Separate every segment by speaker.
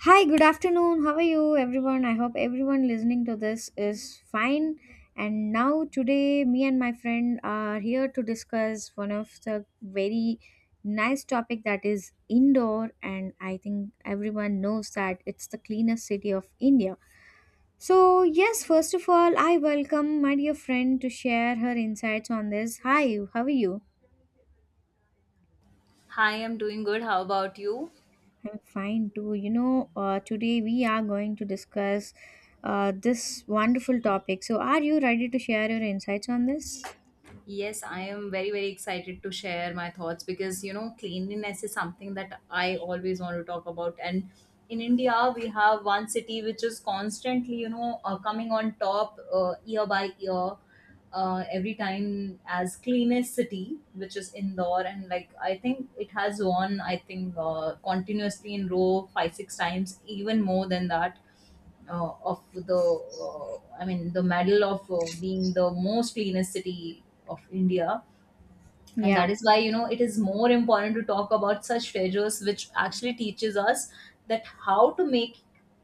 Speaker 1: Hi, good afternoon. How are you, everyone? I hope everyone listening to this is fine. And now, today, me and my friend are here to discuss one of the very nice topic that is indoor. And I think everyone knows that it's the cleanest city of india. So yes, first of all I welcome my dear friend to share her insights on this. Hi, how are you?
Speaker 2: Hi, I'm doing good. How about you?
Speaker 1: I'm fine too. You know, today we are going to discuss this wonderful topic. So, are you ready to share your insights on this?
Speaker 2: Yes, I am very, very excited to share my thoughts because you know, cleanliness is something that I always want to talk about. And in India, we have one city which is constantly, coming on top year by year, every time as cleanest city, which is Indore. And like, I think it has won, I think, continuously in row five, six times, even more than that of the I mean the medal of being the most cleanest city of india, and
Speaker 1: Yeah,
Speaker 2: that is why you know it is more important to talk about such treasures which actually teaches us that how to make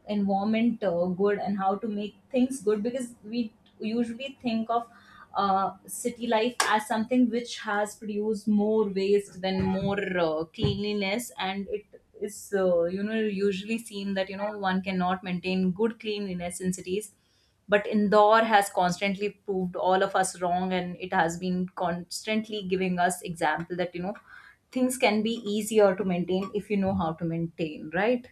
Speaker 2: environment good, and how to make things good because we usually think of city life as something which has produced more waste than more cleanliness, and it is usually seen that you know one cannot maintain good cleanliness in cities, but Indore has constantly proved all of us wrong, and it has been constantly giving us example that you know things can be easier to maintain if you know how to maintain, right?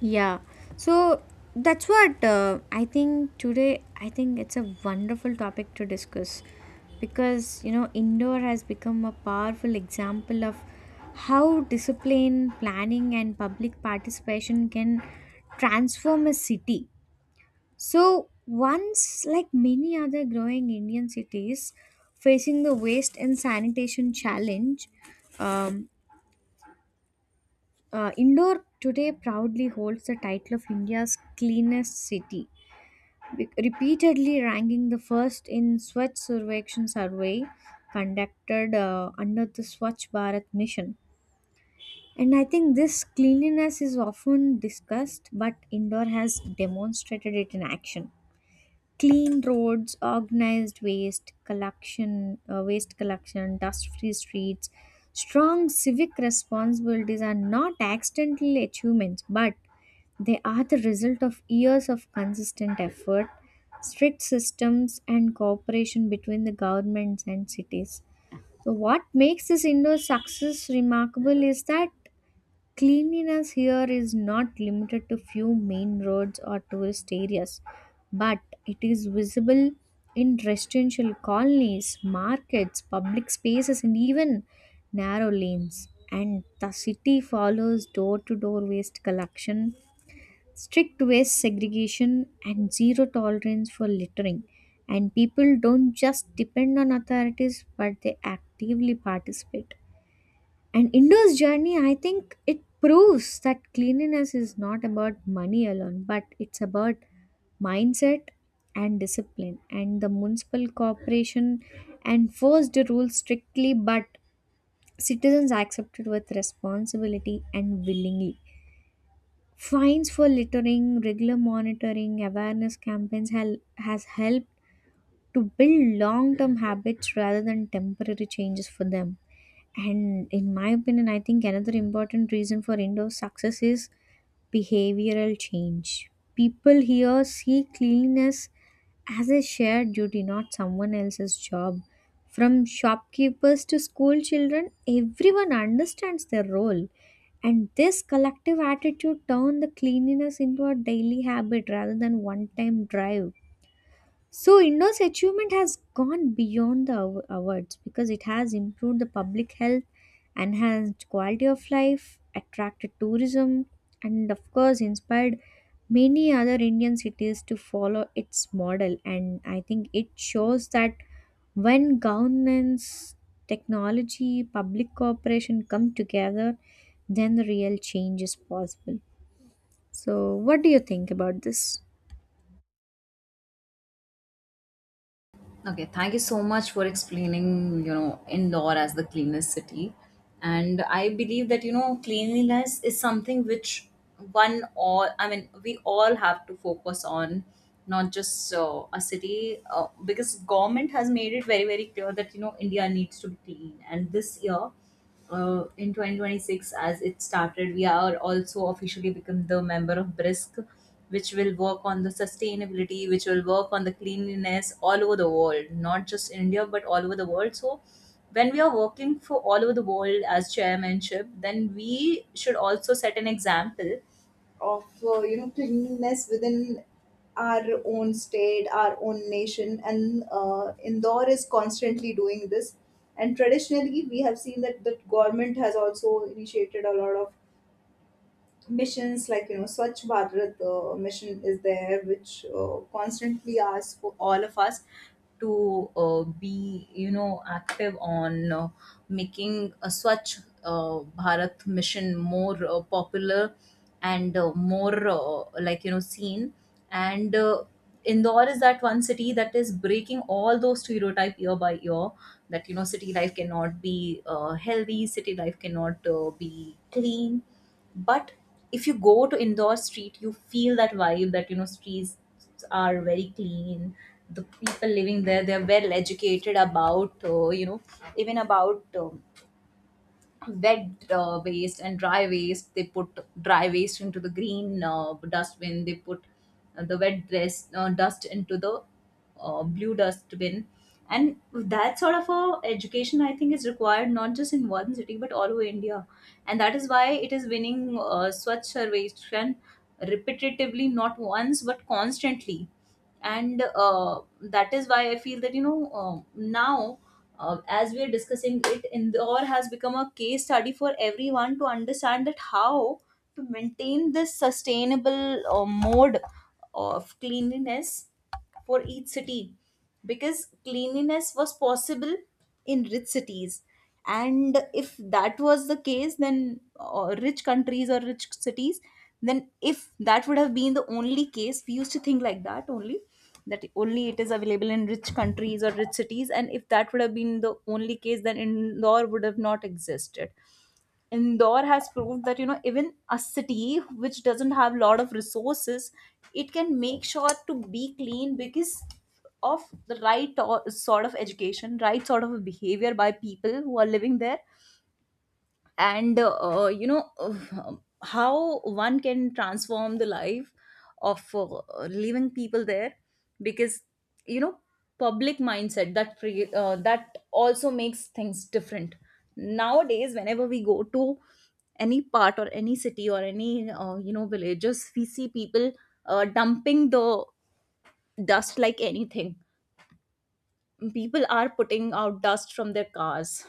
Speaker 1: yeah. So, that's what I think today, I think it's a wonderful topic to discuss because, you know, indoor has become a powerful example of how discipline, planning, and public participation can transform a city. So, once, like many other growing Indian cities facing the waste and sanitation challenge, um, Indore today proudly holds the title of India's cleanest city, repeatedly ranking the first in Swachh Survekshan survey conducted under the Swachh Bharat mission. And I think this cleanliness is often discussed, but Indore has demonstrated it in action. Clean roads, organized waste collection, dust free streets, strong civic responsibilities are not accidental achievements, but they are the result of years of consistent effort, strict systems and cooperation between the governments and cities. So what makes this indoor success remarkable is that cleanliness here is not limited to few main roads or tourist areas, but it is visible in residential colonies, markets, public spaces, and even narrow lanes. And the city follows door to door waste collection, strict waste segregation, and zero tolerance for littering. And people don't just depend on authorities, but they actively participate. And Indo's journey, I think it proves that cleanliness is not about money alone, but it's about mindset and discipline. And the municipal corporation enforced the rules strictly, but citizens accepted with responsibility and willingly. Fines for littering, regular monitoring, awareness campaigns has helped to build long term habits rather than temporary changes for them. And in my opinion, I think another important reason for indoor success is behavioral change. People here see cleanliness as a shared duty, not someone else's job. From shopkeepers to school children, everyone understands their role. And this collective attitude turned the cleanliness into a daily habit rather than one time drive. So, India's achievement has gone beyond the awards because it has improved the public health, enhanced quality of life, attracted tourism, and of course, inspired many other Indian cities to follow its model. And I think it shows that when governance, technology, public cooperation come together, then the real change is possible. So, what do you think about this?
Speaker 2: Okay, thank you so much for explaining, you know, Indore as the cleanest city. And I believe that, you know, cleanliness is something which one all, I mean, we all have to focus on, not just a city, because government has made it very, very clear that, you know, India needs to be clean. And this year, in 2026, as it started, we are also officially become the member of brisk, which will work on the sustainability, which will work on the cleanliness all over the world, not just in india but all over the world. So when we are working for all over the world as chairmanship, then we should also set an example of cleanliness within our own state, our own nation. And indore is constantly doing this, and traditionally we have seen that the government has also initiated a lot of missions like you know Swachh Bharat mission is there, which constantly asks for all of us to be you know active on making a Swachh Bharat mission more popular, and more like you know seen. And. Indore is that one city that is breaking all those stereotype year by year, that you know city life cannot be healthy, city life cannot be clean. But if you go to Indore street, you feel that vibe that you know streets are very clean. The people living there, they're well educated about even about wet waste and dry waste. They put dry waste into the green dustbin, they put the wet dress, dust into the blue dustbin. And that sort of a education I think is required not just in one city but all over india, and that is why it is winning swachh sarveshan repetitively, not once but constantly. And that is why I feel that you know now as we are discussing it, indore has become a case study for everyone to understand that how to maintain this sustainable mode of cleanliness for each city, because cleanliness was possible in rich cities. And if that was the case, then rich countries or rich cities, then if that would have been the only case, we used to think like that only, that only it is available in rich countries or rich cities. And if that would have been the only case, then indoor would have not existed. Indore has proved that you know even a city which doesn't have a lot of resources, it can make sure to be clean because of the right sort of education, right sort of behavior by people who are living there. And how one can transform the life of living people there, because you know public mindset, that also makes things different. Nowadays, whenever we go to any part or any city or any villages, we see people dumping the dust like anything. People are putting out dust from their cars,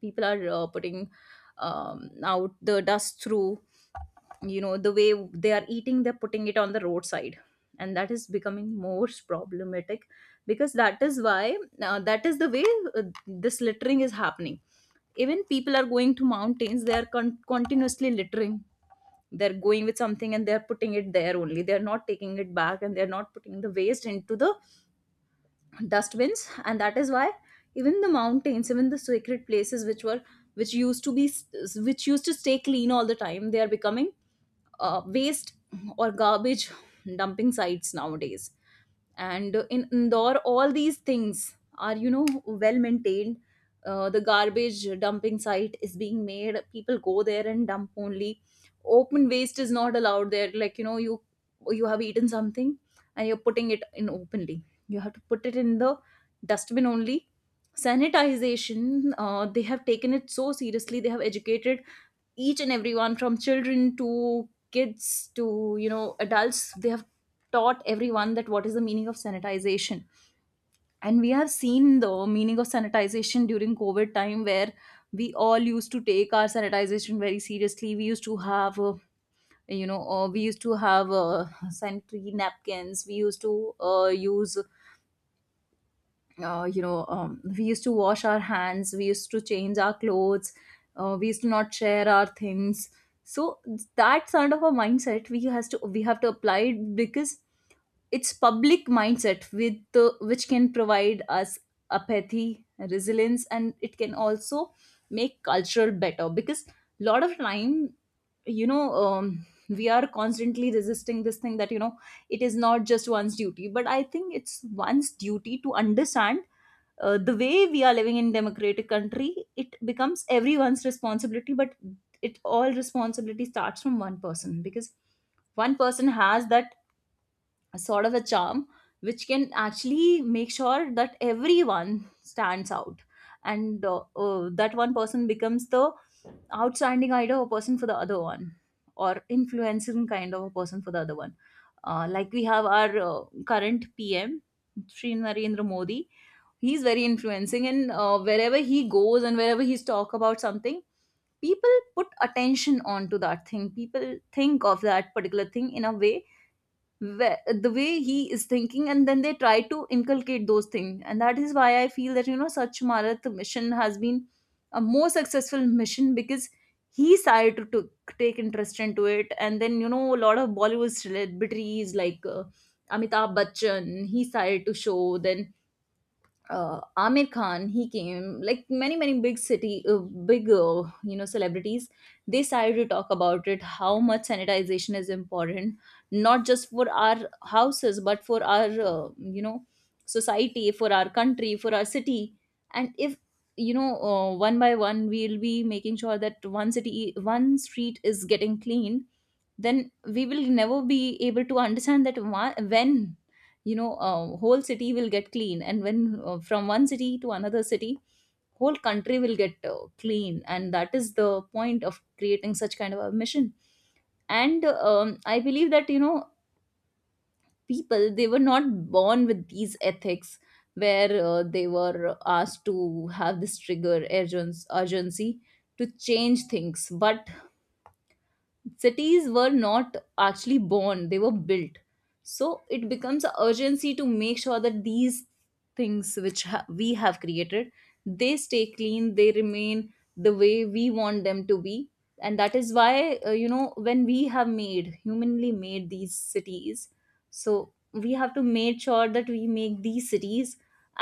Speaker 2: people are putting out the dust through you know the way they are eating, they're putting it on the roadside, and that is becoming more problematic, because that is why that is the way uh, this littering is happening. Even people are going to mountains, they are continuously littering. They're going with something and they're putting it there only, they're not taking it back, and they're not putting the waste into the dustbins. And that is why even the mountains, even the sacred places which were, which used to be, which used to stay clean all the time, they are becoming waste or garbage dumping sites nowadays. And in Indore, all these things are you know well maintained. The garbage dumping site is being made, people go there and dump only. Open waste is not allowed there, like you know, you have eaten something and you're putting it in openly, you have to put it in the dustbin only. Sanitization, they have taken it so seriously, they have educated each and everyone, from children to kids to you know adults. They have taught everyone that what is the meaning of sanitization. And we have seen the meaning of sanitization during covid time, where we all used to take our sanitization very seriously. We used to have uh, you know uh, we used to have sanitary napkins, we used to use we used to wash our hands, we used to change our clothes, we used to not share our things. So that sort of a mindset we has to, we have to apply it, because it's public mindset with the, which can provide us apathy, resilience, and it can also make culture better. Because a lot of time, we are constantly resisting this thing that you know it is not just one's duty, but I think it's one's duty to understand the way we are living in democratic country, it becomes everyone's responsibility. But it all responsibility starts from one person, because one person has that sort of a charm which can actually make sure that everyone stands out. And that one person becomes the outstanding idol of a person for the other one, or influencing kind of a person for the other one. Like we have our current PM Shri Narendra Modi. He's very influencing, and wherever he goes and wherever he's talk about something, people put attention onto that thing, people think of that particular thing in a way where the way he is thinking, and then they try to inculcate those things. And that is why I feel that you know such marath mission has been a more successful mission, because he started to take interest into it. And then you know a lot of bollywood celebrities, like amitabh bachchan, he started to show then Amir Khan, he came. Like many many big city, big celebrities, they started to talk about it, how much sanitization is important, not just for our houses, but for our society, for our country, for our city. And if one by one, we'll be making sure that one city, one street is getting cleaned. Then we will never be able to understand that why, when whole city will get clean, and when from one city to another city whole country will get clean, and that is the point of creating such kind of a mission. And I believe that people, they were not born with these ethics, where they were asked to have this trigger urgency, urgency to change things. But cities were not actually born, they were built, so it becomes a urgency to make sure that these things which we have created, they stay clean, they remain the way we want them to be. And that is why when we have made humanly made these cities, so we have to make sure that we make these cities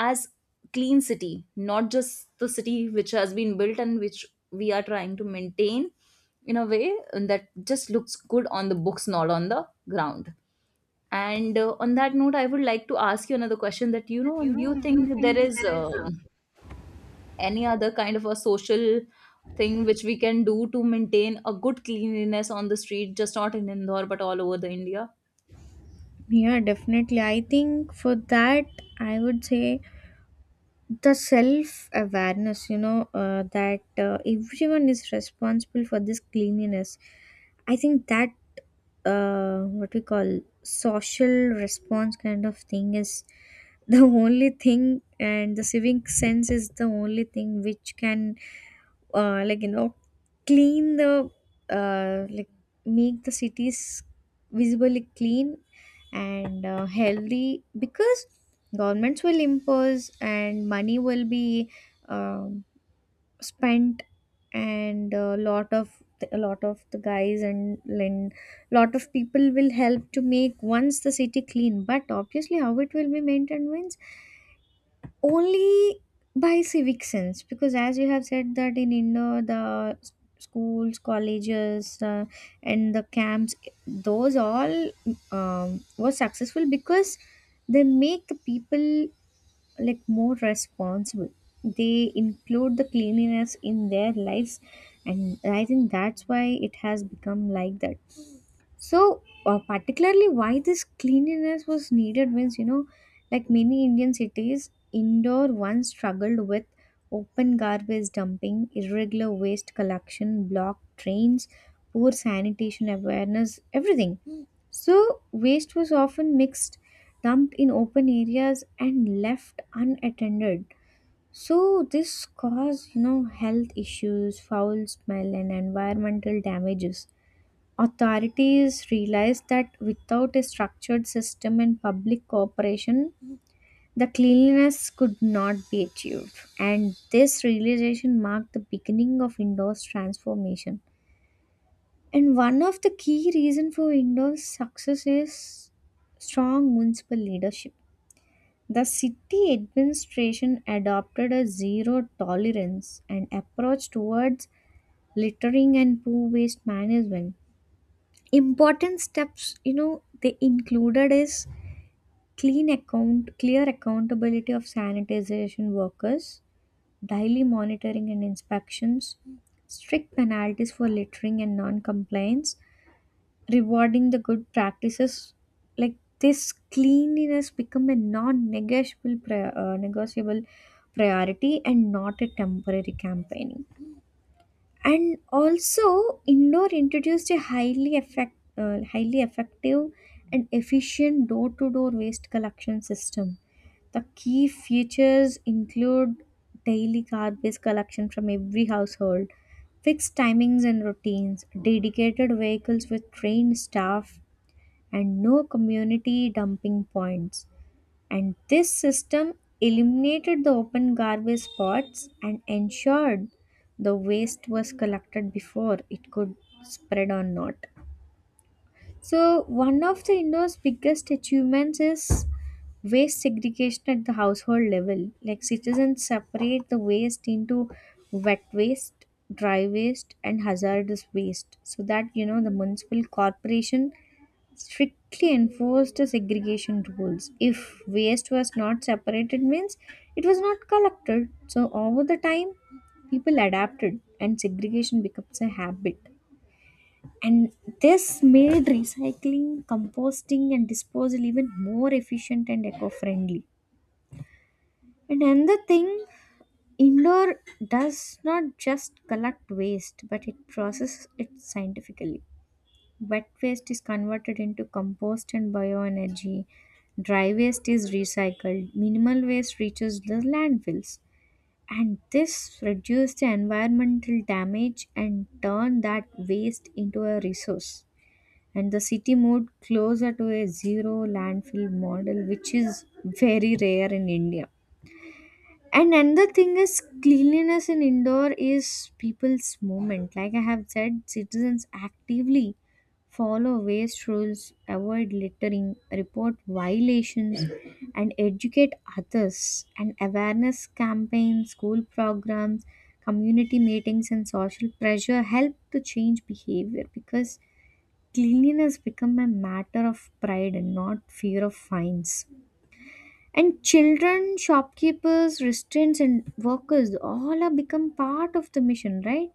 Speaker 2: as clean city, not just the city which has been built and which we are trying to maintain in a way that just looks good on the books, not on the ground. And on that note, I would like to ask you another question, that
Speaker 1: You
Speaker 2: do you
Speaker 1: know, do you
Speaker 2: think there
Speaker 1: think
Speaker 2: is
Speaker 1: there is
Speaker 2: any other kind of a social thing which we can do to maintain a good cleanliness on the street, just not in Indore but all over the India?
Speaker 1: yeah, definitely. I think for that, I would say the self awareness, you know, that everyone is responsible for this cleanliness. I think that what we call social response kind of thing is the only thing and the civic sense is the only thing which can uh, like you know clean the uh, like make the cities visibly clean and healthy because governments will impose, and money will be um, spent, and a lot of the guys and and lot of people will help to make once the city clean. But obviously, how it will be maintained means only by civic sense, because as you have said, that in india the schools, colleges and the camps, those all were successful because they make the people like more responsible. They include the cleanliness in their lives, and I think that's why it has become like that. So particularly why this cleanliness was needed means, you know, like many indian cities indoor once struggled with open garbage dumping, irregular waste collection, blocked trains, poor sanitation awareness, everything. So, waste was often mixed, dumped in open areas, and left unattended. So, this caused, you know, health issues, foul smell, and environmental damages. Authorities realized that without a structured system and public cooperation, the cleanliness could not be achieved. And this realization marked the beginning of indoors transformation. And one of the key reasons for Indor's success is strong municipal leadership. The city administration adopted a zero tolerance and approach towards littering and poor waste management. Important steps, you know, they included is clean account, clear accountability of sanitization workers, daily monitoring and inspections, strict penalties for littering and non-compliance, rewarding the good practices like this cleanliness become a negotiable priority and not a temporary campaigning. And also indoor introduced a highly effective and efficient door-to-door waste collection system. The key features include daily garbage collection from every household, fixed timings and routines, dedicated vehicles with trained staff, and no community dumping points. And this system eliminated the open garbage spots and ensured the waste was collected before it could spread or not. So, one of the India's biggest achievements is waste segregation at the household level. Like, citizens separate the waste into wet waste, dry waste, and hazardous waste, so that you know the municipal corporation strictly enforced the segregation rules. If waste was not separated, means it was not collected. So, over the time, people adapted and segregation becomes a habit, and this made recycling, composting and disposal even more efficient and eco-friendly. And another thing, indoor does not just collect waste but it processes it scientifically. Wet waste is converted into compost and bioenergy, dry waste is recycled, minimal waste reaches the landfills. And this reduces the environmental damage and turn that waste into a resource, and the city moved closer to a zero landfill model, which is very rare in India. And another thing is cleanliness in indoor is people's movement. Like I have said, citizens actively follow waste rules, avoid littering, report violations, and educate others. And awareness campaigns, school programs, community meetings, and social pressure help to change behavior, because cleanliness become a matter of pride and not fear of fines. And children, shopkeepers, restaurants and workers all have become part of the mission, right?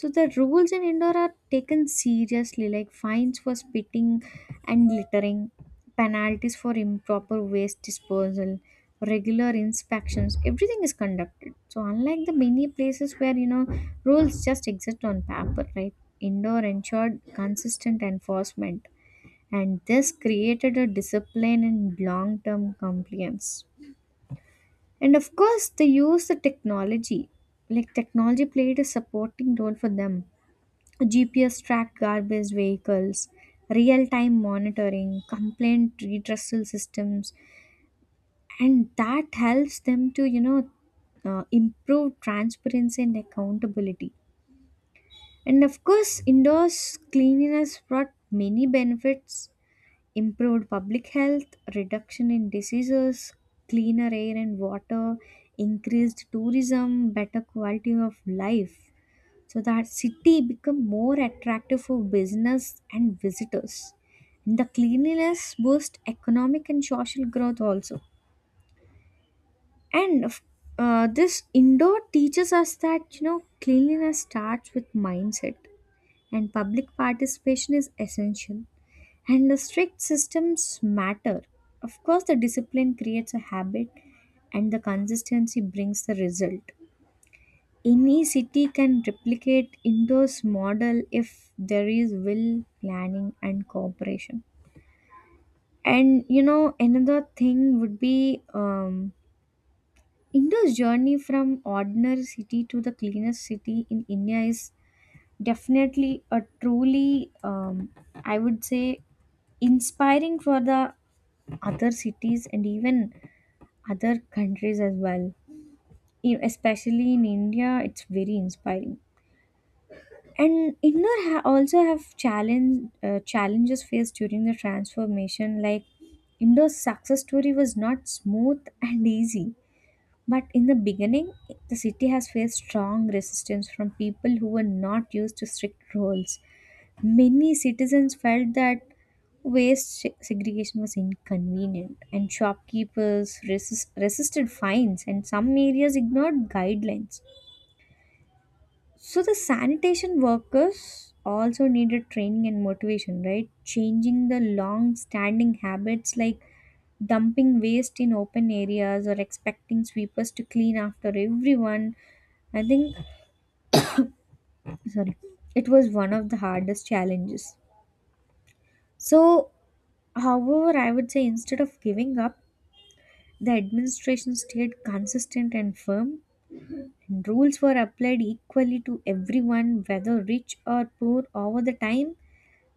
Speaker 1: So the rules in Indore are taken seriously, like fines for spitting and littering, penalties for improper waste disposal, regular inspections, everything is conducted. So unlike the many places where you know rules just exist on paper, right, Indore ensured consistent enforcement, and this created a discipline in long-term compliance. And of course they use the technology, like technology played a supporting role for them. GPS tracked garbage vehicles, real-time monitoring, complaint redressal systems, and that helps them to you know improve transparency and accountability. And of course indoors cleanliness brought many benefits: improved public health, reduction in diseases, cleaner air and water, increased tourism, better quality of life. So that city become more attractive for business and visitors. And the cleanliness boost economic and social growth also. And this indoor teaches us that you know cleanliness starts with mindset, and public participation is essential and the strict systems matter. Of course, the discipline creates a habit and the consistency brings the result. Any city can replicate Indo's model if there is will, planning, and cooperation. And you know, another thing would be Indo's journey from ordinary city to the cleanest city in India is definitely a truly, I would say, inspiring for the other cities and even other countries as well. Especially in India, it's very inspiring. And India ha- also have challenge challenges faced during the transformation. Like Indo's success story was not smooth and easy. But in the beginning, the city has faced strong resistance from people who were not used to strict rules. Many citizens felt that segregation was inconvenient, and shopkeepers resisted fines, and some areas ignored guidelines. So the sanitation workers also needed training and motivation, right? Changing the long standing habits like dumping waste in open areas or expecting sweepers to clean after everyone, I think, sorry, it was one of the hardest challenges. So, however, I would say instead of giving up, the administration stayed consistent and firm. And rules were applied equally to everyone, whether rich or poor. Over the time,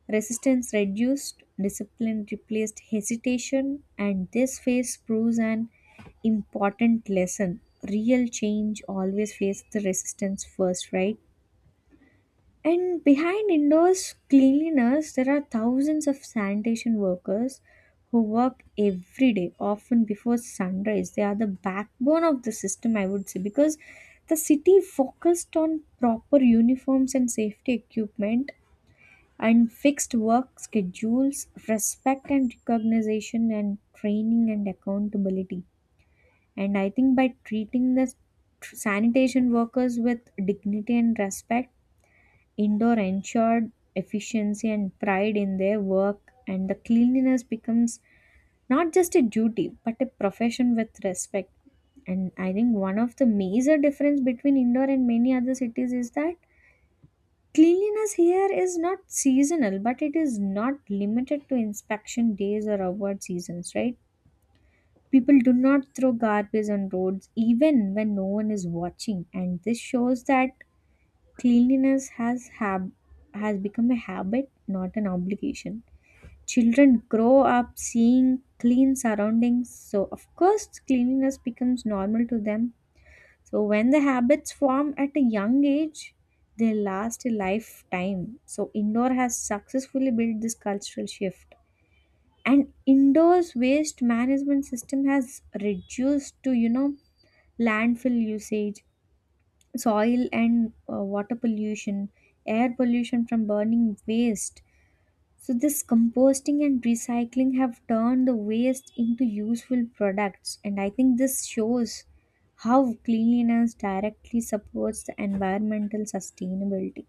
Speaker 1: resistance reduced, discipline replaced hesitation, and this phase proves an important lesson. Real change always faces the resistance first, right? And behind indoors cleanliness, there are thousands of sanitation workers who work every day, often before sunrise. They are the backbone of the system, I would say, because the city focused on proper uniforms and safety equipment and fixed work schedules, respect and recognition, and training and accountability. And I think by treating the sanitation workers with dignity and respect, indoor ensured efficiency and pride in their work, and the cleanliness becomes not just a duty but a profession with respect. And I think one of the major difference between Indore and many other cities is that cleanliness here is not seasonal, but it is not limited to inspection days or award seasons, right? People do not throw garbage on roads even when no one is watching, and this shows that cleanliness has hab- has become a habit, not an obligation. Children grow up seeing clean surroundings, so of course cleanliness becomes normal to them. So when the habits form at a young age, they last a lifetime. So indoor has successfully built this cultural shift. And indoors waste management system has reduced to, you know, landfill usage, soil and water pollution, air pollution from burning waste. So this composting and recycling have turned the waste into useful products, and I think this shows how cleanliness directly supports the environmental sustainability.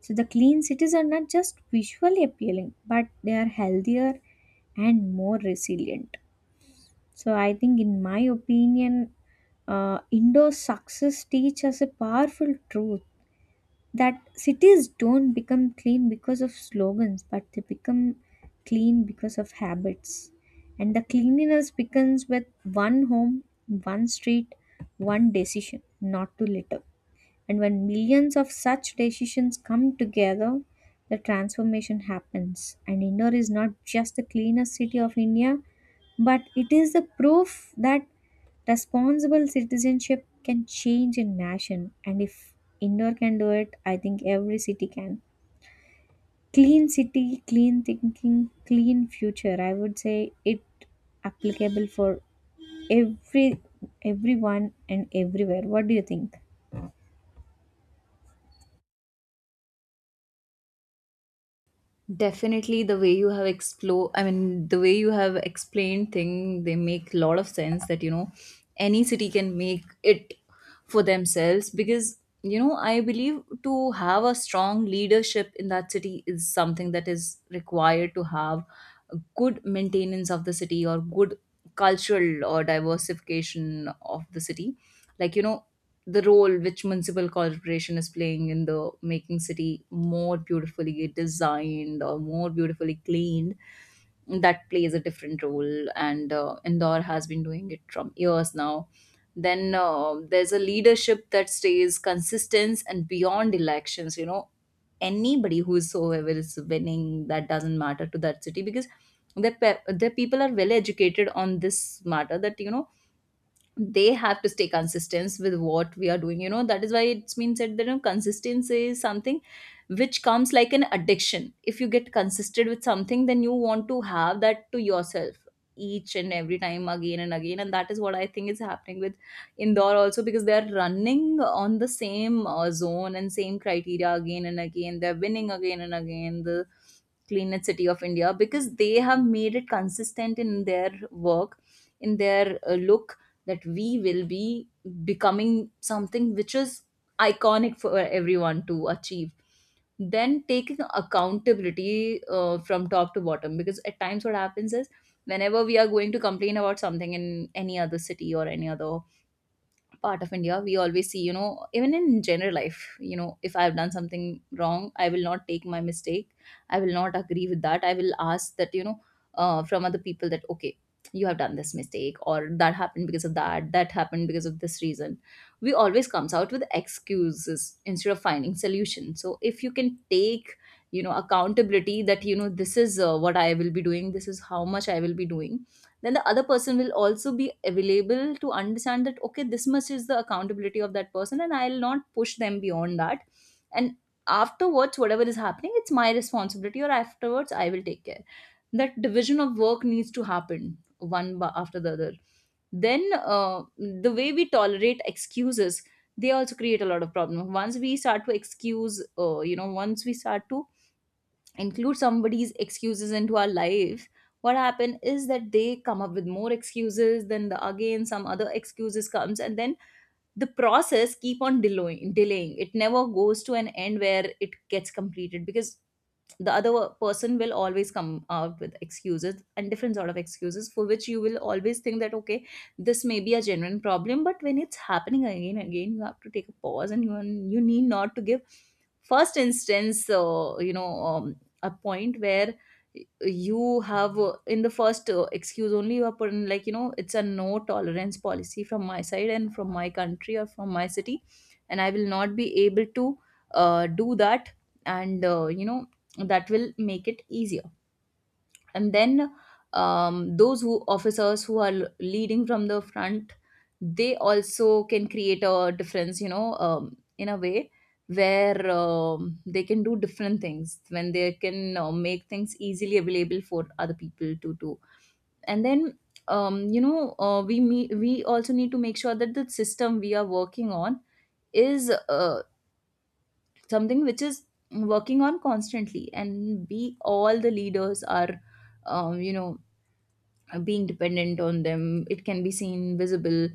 Speaker 1: So the clean cities are not just visually appealing but they are healthier and more resilient. So I think in my opinion indoor success teaches us a powerful truth that cities don't become clean because of slogans, but they become clean because of habits. And the cleanliness begins with one home, one street, one decision not to litter. And when millions of such decisions come together, the transformation happens. And Indore is not just the cleanest city of India, but it is the proof that responsible citizenship can change a nation. And if Indore can do it, I think every city can. Clean city, clean thinking, clean future. I would say it applicable for every everyone and everywhere. What do you think?
Speaker 2: Definitely, the way you have explore, I mean, the way you have explained thing, they make a lot of sense, that any city can make it for themselves, because I believe to have a strong leadership in that city is something that is required to have a good maintenance of the city or good cultural or diversification of the city. Like you know, the role which municipal corporation is playing in the making city more beautifully designed or more beautifully cleaned, that plays a different role. And Indore has been doing it from years now. Then there's a leadership that stays consistent and beyond elections, anybody whosoever is winning, that doesn't matter to that city, because the the people are well educated on this matter, that they have to stay consistent with what we are doing. That is why it's been said that consistency is something which comes like an addiction. If you get consistent with something, then you want to have that to yourself each and every time again and again. And that is what I think is happening with Indore also, because they are running on the same zone and same criteria again and again, they're winning again and again the cleanest city of India, because they have made it consistent in their work, in their look, that we will be becoming something which is iconic for everyone to achieve. Then taking accountability from top to bottom, because at times what happens is whenever we are going to complain about something in any other city or any other part of India, we always see, even in general life, if I've done something wrong, I will not take my mistake. I will not agree with that. I will ask that, from other people that, okay, you have done this mistake, or that happened because of that, that happened because of this reason. We always comes out with excuses instead of finding solution. So if you can take, accountability that, this is what I will be doing, this is how much I will be doing, then the other person will also be available to understand that okay, this much is the accountability of that person, and I'll not push them beyond that. And afterwards whatever is happening, it's my responsibility, or afterwards I will take care. That division of work needs to happen, one after the other. Then uh, the way we tolerate excuses, they also create a lot of problem once we start to excuse, once we start to include somebody's excuses into our life. What happen is that they come up with more excuses, then the again some other excuses comes, and then the process keep on delaying, delaying, it never goes to an end where it gets completed, because the other person will always come out with excuses and different sort of excuses, for which you will always think that okay, this may be a genuine problem. But when it's happening again again, you have to take a pause, and you need not to give first instance a point where you have in the first excuse only, you have put in it's a no tolerance policy from my side and from my country or from my city, and I will not be able to do that. And that will make it easier. And then those who officers who are leading from the front, they also can create a difference, in a way where they can do different things, when they can make things easily available for other people to do. And then we also need to make sure that the system we are working on is something which is working on constantly, and we all the leaders are um, you know being dependent on them, it can be seen visible.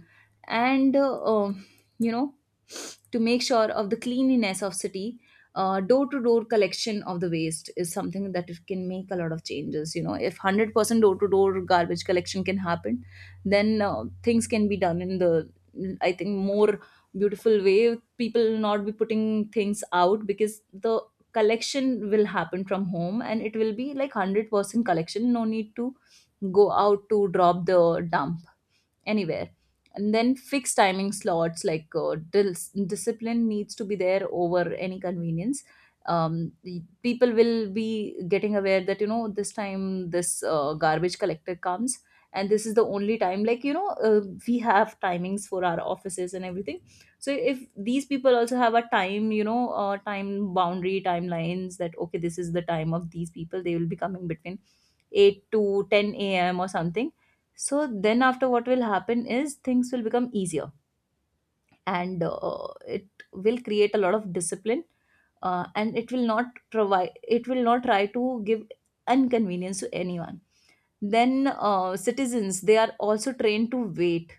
Speaker 2: And uh, you know to make sure of the cleanliness of city, door-to-door collection of the waste is something that it can make a lot of changes. If 100% door-to-door garbage collection can happen, then things can be done in the, I think, more beautiful way. People will not be putting things out, because the collection will happen from home, and it will be like 100% collection. No need to go out to drop the dump anywhere. And then fixed timing slots, like discipline needs to be there over any convenience. The people will be getting aware that this time this garbage collector comes, and this is the only time. We have timings for our offices and everything. So if these people also have a time, time boundary, timelines that okay this is the time of these people, they will be coming between 8 to 10 a.m. or something. So then after, what will happen is things will become easier. And it will create a lot of discipline, and it will not provide, it will not try to give inconvenience to anyone. Then citizens, they are also trained to wait,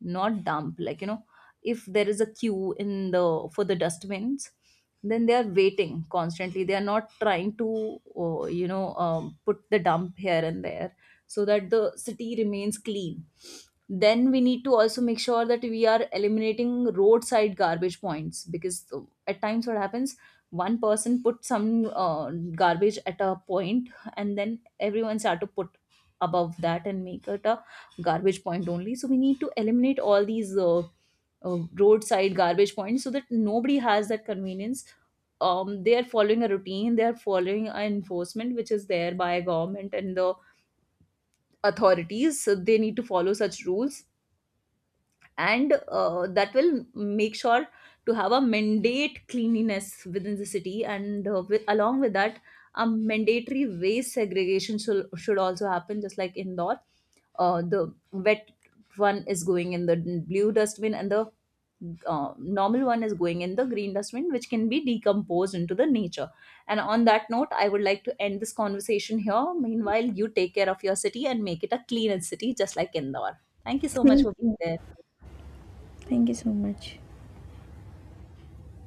Speaker 2: not dump. If there is a queue in the, for the dustbins, then they are waiting constantly, they are not trying to put the dump here and there, so that the city remains clean. Then we need to also make sure that we are eliminating roadside garbage points, because at times what happens, one person put some garbage at a point, and then everyone start to put above that and make it a garbage point only. So we need to eliminate all these roadside garbage points, so that nobody has that convenience. They are following a routine, they are following an enforcement which is there by government and the authorities, so they need to follow such rules. And that will make sure to have a mandate cleanliness within the city. And with, along with that, a mandatory waste segregation should also happen, just like indoor. The wet one is going in the blue dustbin, and the normal one is going in the green dustbin, which can be decomposed into the nature. And on that note, I would like to end this conversation here. Meanwhile, you take care of your city and make it a cleaner city just like Indore. Thank you so much
Speaker 1: Thank
Speaker 2: for
Speaker 1: you.
Speaker 2: being there.
Speaker 1: Thank you so much.